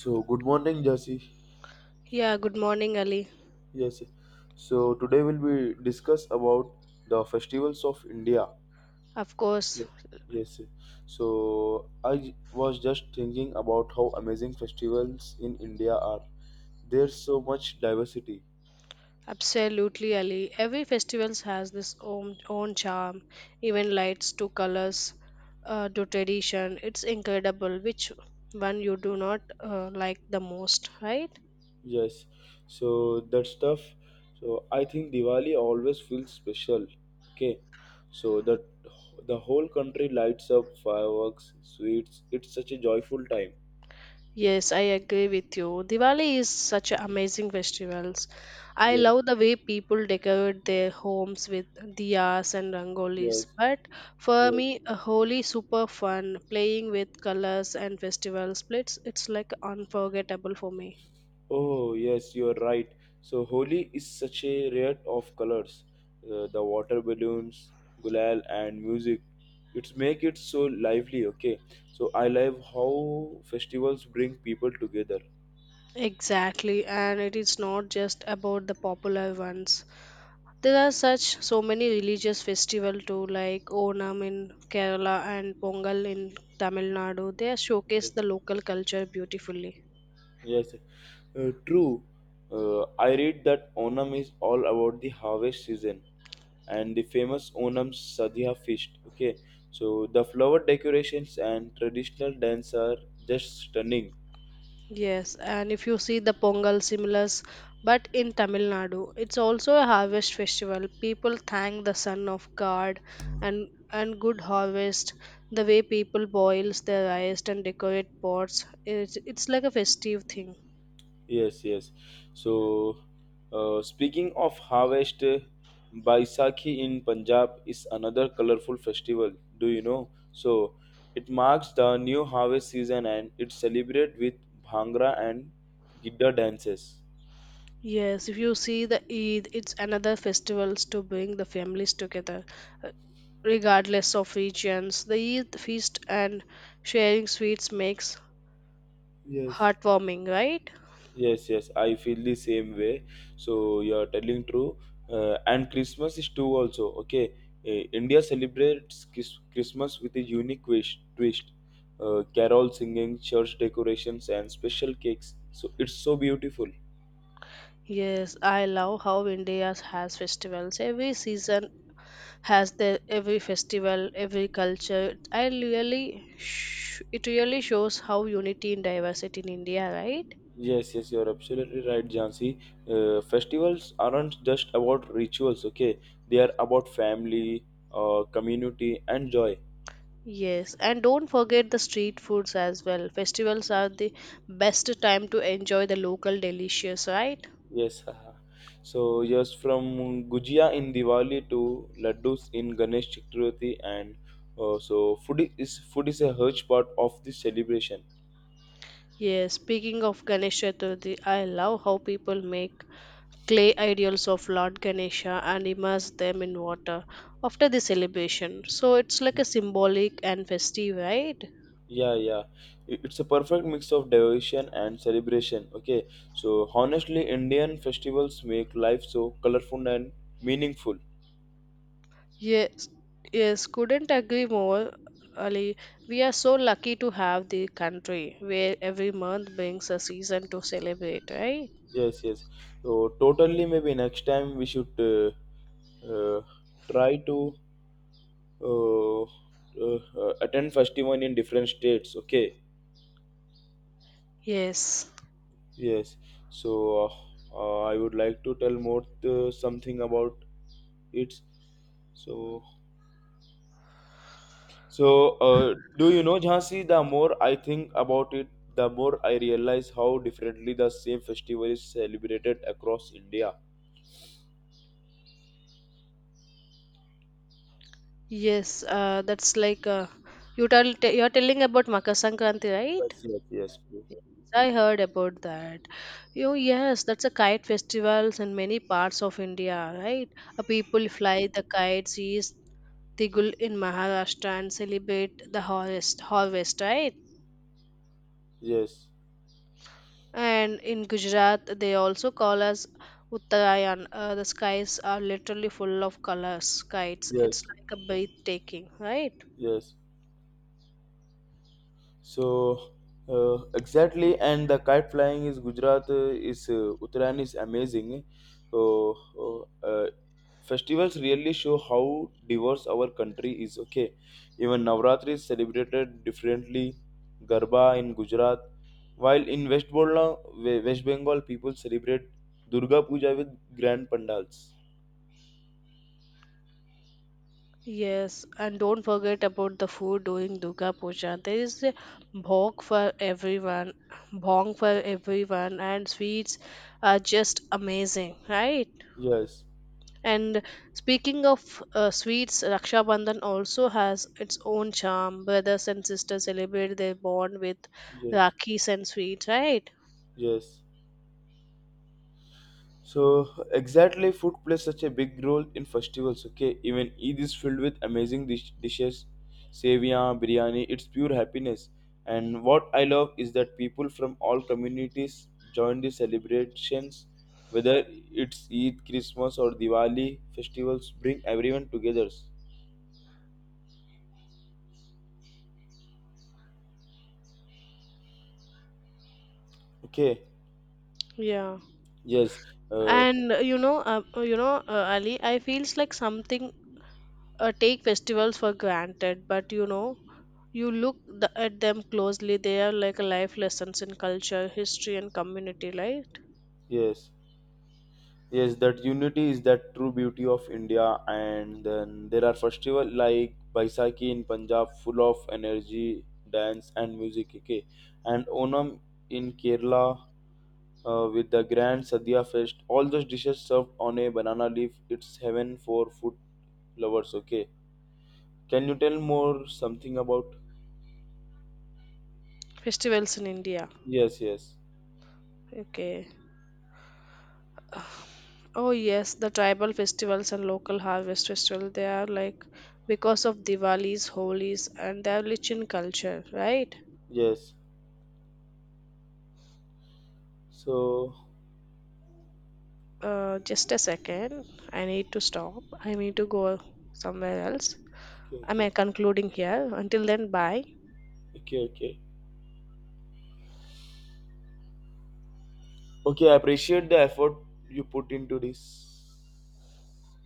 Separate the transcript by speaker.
Speaker 1: So good morning, Jesse.
Speaker 2: Yeah, good morning, Ali.
Speaker 1: Yes. So today we'll be discuss about the festivals of India.
Speaker 2: Of course,
Speaker 1: Okay. Yes. So was just thinking about how amazing festivals in India are. There's so much diversity.
Speaker 2: absolutely, Ali. Every festival has this own charm, even lights to colors, to tradition. It's incredible which one you do not like the most, right?
Speaker 1: Yes. So that stuff. So I think Diwali always feels special. Okay. So that the whole country lights up fireworks, sweets. It's such a joyful time.
Speaker 2: Yes, I agree with you. Diwali is such an amazing festivals. I
Speaker 1: Yes.
Speaker 2: love the way people decorate their homes with diyas and rangolis.
Speaker 1: Yes.
Speaker 2: But for
Speaker 1: Yes.
Speaker 2: me, a holy super fun playing with colors and festival splits. It's like unforgettable for me.
Speaker 1: Oh, yes, you're right. So, Holi is such a riot of colors. The water balloons, gulal, and music. It's make it so lively, okay? So, I love how festivals bring people together.
Speaker 2: Exactly, and it is not just about the popular ones. There are such so many religious festival too, like Onam in Kerala and Pongal in Tamil Nadu. They showcase the local culture beautifully.
Speaker 1: Yes, true. I read that Onam is all about the harvest season and the famous Onam Sadhya feast. Okay, so the flower decorations and traditional dance are just stunning.
Speaker 2: Yes, and if you see the Pongal similars, but in Tamil Nadu, it's also a harvest festival. People thank the sun of God and good harvest. The way people boils their rice and decorate pots, it's like a festive thing.
Speaker 1: Yes, yes. So, speaking of harvest, Baisakhi in Punjab is another colorful festival. Do you know? So, it marks the new harvest season and it's celebrated with bhangra and gidda dances.
Speaker 2: Yes, if you see the Eid, it's another festivals to bring the families together, uh, regardless of regions. The Eid feast and sharing sweets makes
Speaker 1: Yes.
Speaker 2: heartwarming, right?
Speaker 1: Yes, yes, I feel the same way. So you're telling true. And Christmas is too also. Okay, India celebrates Christmas with a unique twist. Carol singing, church decorations, and special cakes. So it's so beautiful.
Speaker 2: Yes, I love how India has festivals. Every season has their every festival, every culture. I really, it really shows how unity and diversity in India, right?
Speaker 1: Yes, yes, you're absolutely right, Jansi. Festivals aren't just about rituals, okay? They are about family, community, and joy.
Speaker 2: Yes, and don't forget the street foods as well. Festivals are the best time to enjoy the local delicious, right?
Speaker 1: Yes, haha. So yes, from Gujia in Diwali to laddus in Ganesh Chaturthi, and so food is a huge part of this celebration.
Speaker 2: Yes, speaking of Ganesh Chaturthi, I love how people make clay idols of Lord Ganesha and immerse them in water after the celebration. So it's like a symbolic and festive, right?
Speaker 1: Yeah, yeah, it's a perfect mix of devotion and celebration. Okay, so honestly, Indian festivals make life so colorful and meaningful.
Speaker 2: Yes, yes, couldn't agree more, Ali. We are so lucky to have the country where every month brings a season to celebrate, right?
Speaker 1: Yes, yes. So totally, maybe next time we should uh, try to uh, uh, attend festival in different states. Okay.
Speaker 2: Yes.
Speaker 1: Yes, so I would like to tell more something about it. So, so, do you know Jhansi? The more I think about it, the more I realize how differently the same festival is celebrated across India.
Speaker 2: Yes, that's like you you're telling about Makar Sankranti, right?
Speaker 1: Yes, yes, yes, bro.
Speaker 2: I heard about that. Oh yes, that's a kite festivals in many parts of India, right? People
Speaker 1: Yes,
Speaker 2: fly the kites, east Tigul in Maharashtra and celebrate the harvest, right?
Speaker 1: yes,
Speaker 2: And in Gujarat, they also call us Uttarayan. The skies are literally full of colors, kites. It's
Speaker 1: yes.
Speaker 2: like a breathtaking, right?
Speaker 1: Yes. So exactly, and the kite flying is Gujarat is Uttarayan is amazing. So festivals really show how diverse our country is. Okay, even Navratri is celebrated differently. Garba in Gujarat, while in West Bengal, West Bengal people celebrate Durga Puja with grand pandals.
Speaker 2: Yes, and don't forget about the food during Durga Puja. There is a bhog for everyone, bhong for everyone, and sweets are just amazing, right?
Speaker 1: Yes,
Speaker 2: And speaking of sweets, Raksha Bandhan also has its own charm. Brothers and sisters celebrate their bond with
Speaker 1: yes,
Speaker 2: rakhis and sweets, right?
Speaker 1: yes. So exactly, food plays such a big role in festivals. Okay, even Eid is filled with amazing dishes, seviyan, biryani. It's pure happiness. And what I love is that people from all communities join the celebrations. Whether it's Eid, Christmas, or Diwali, festivals bring everyone together. Okay.
Speaker 2: Yeah.
Speaker 1: Yes. Uh,
Speaker 2: And Ali, I feels like something take festivals for granted, but you look at them closely, they are like life lessons in culture, history, and community, right?
Speaker 1: yes. Yes, that unity is that true beauty of India. And then there are festival like Baisakhi in Punjab, full of energy, dance and music. Okay, and Onam in Kerala with the grand Sadhya fest. All those dishes served on a banana leaf. It's heaven for food lovers. Okay, can you tell more something about?
Speaker 2: Festivals in India.
Speaker 1: Yes, yes,
Speaker 2: Okay. Oh, yes, the tribal festivals and local harvest festival, they are like because of Diwalis, Holis, and they are rich in culture, right?
Speaker 1: yes. So
Speaker 2: Just a second. I need to stop. I need to go somewhere else.
Speaker 1: okay,
Speaker 2: I'm
Speaker 1: okay,
Speaker 2: concluding here. Until then, bye.
Speaker 1: okay, okay. Okay, I appreciate the effort you put into this.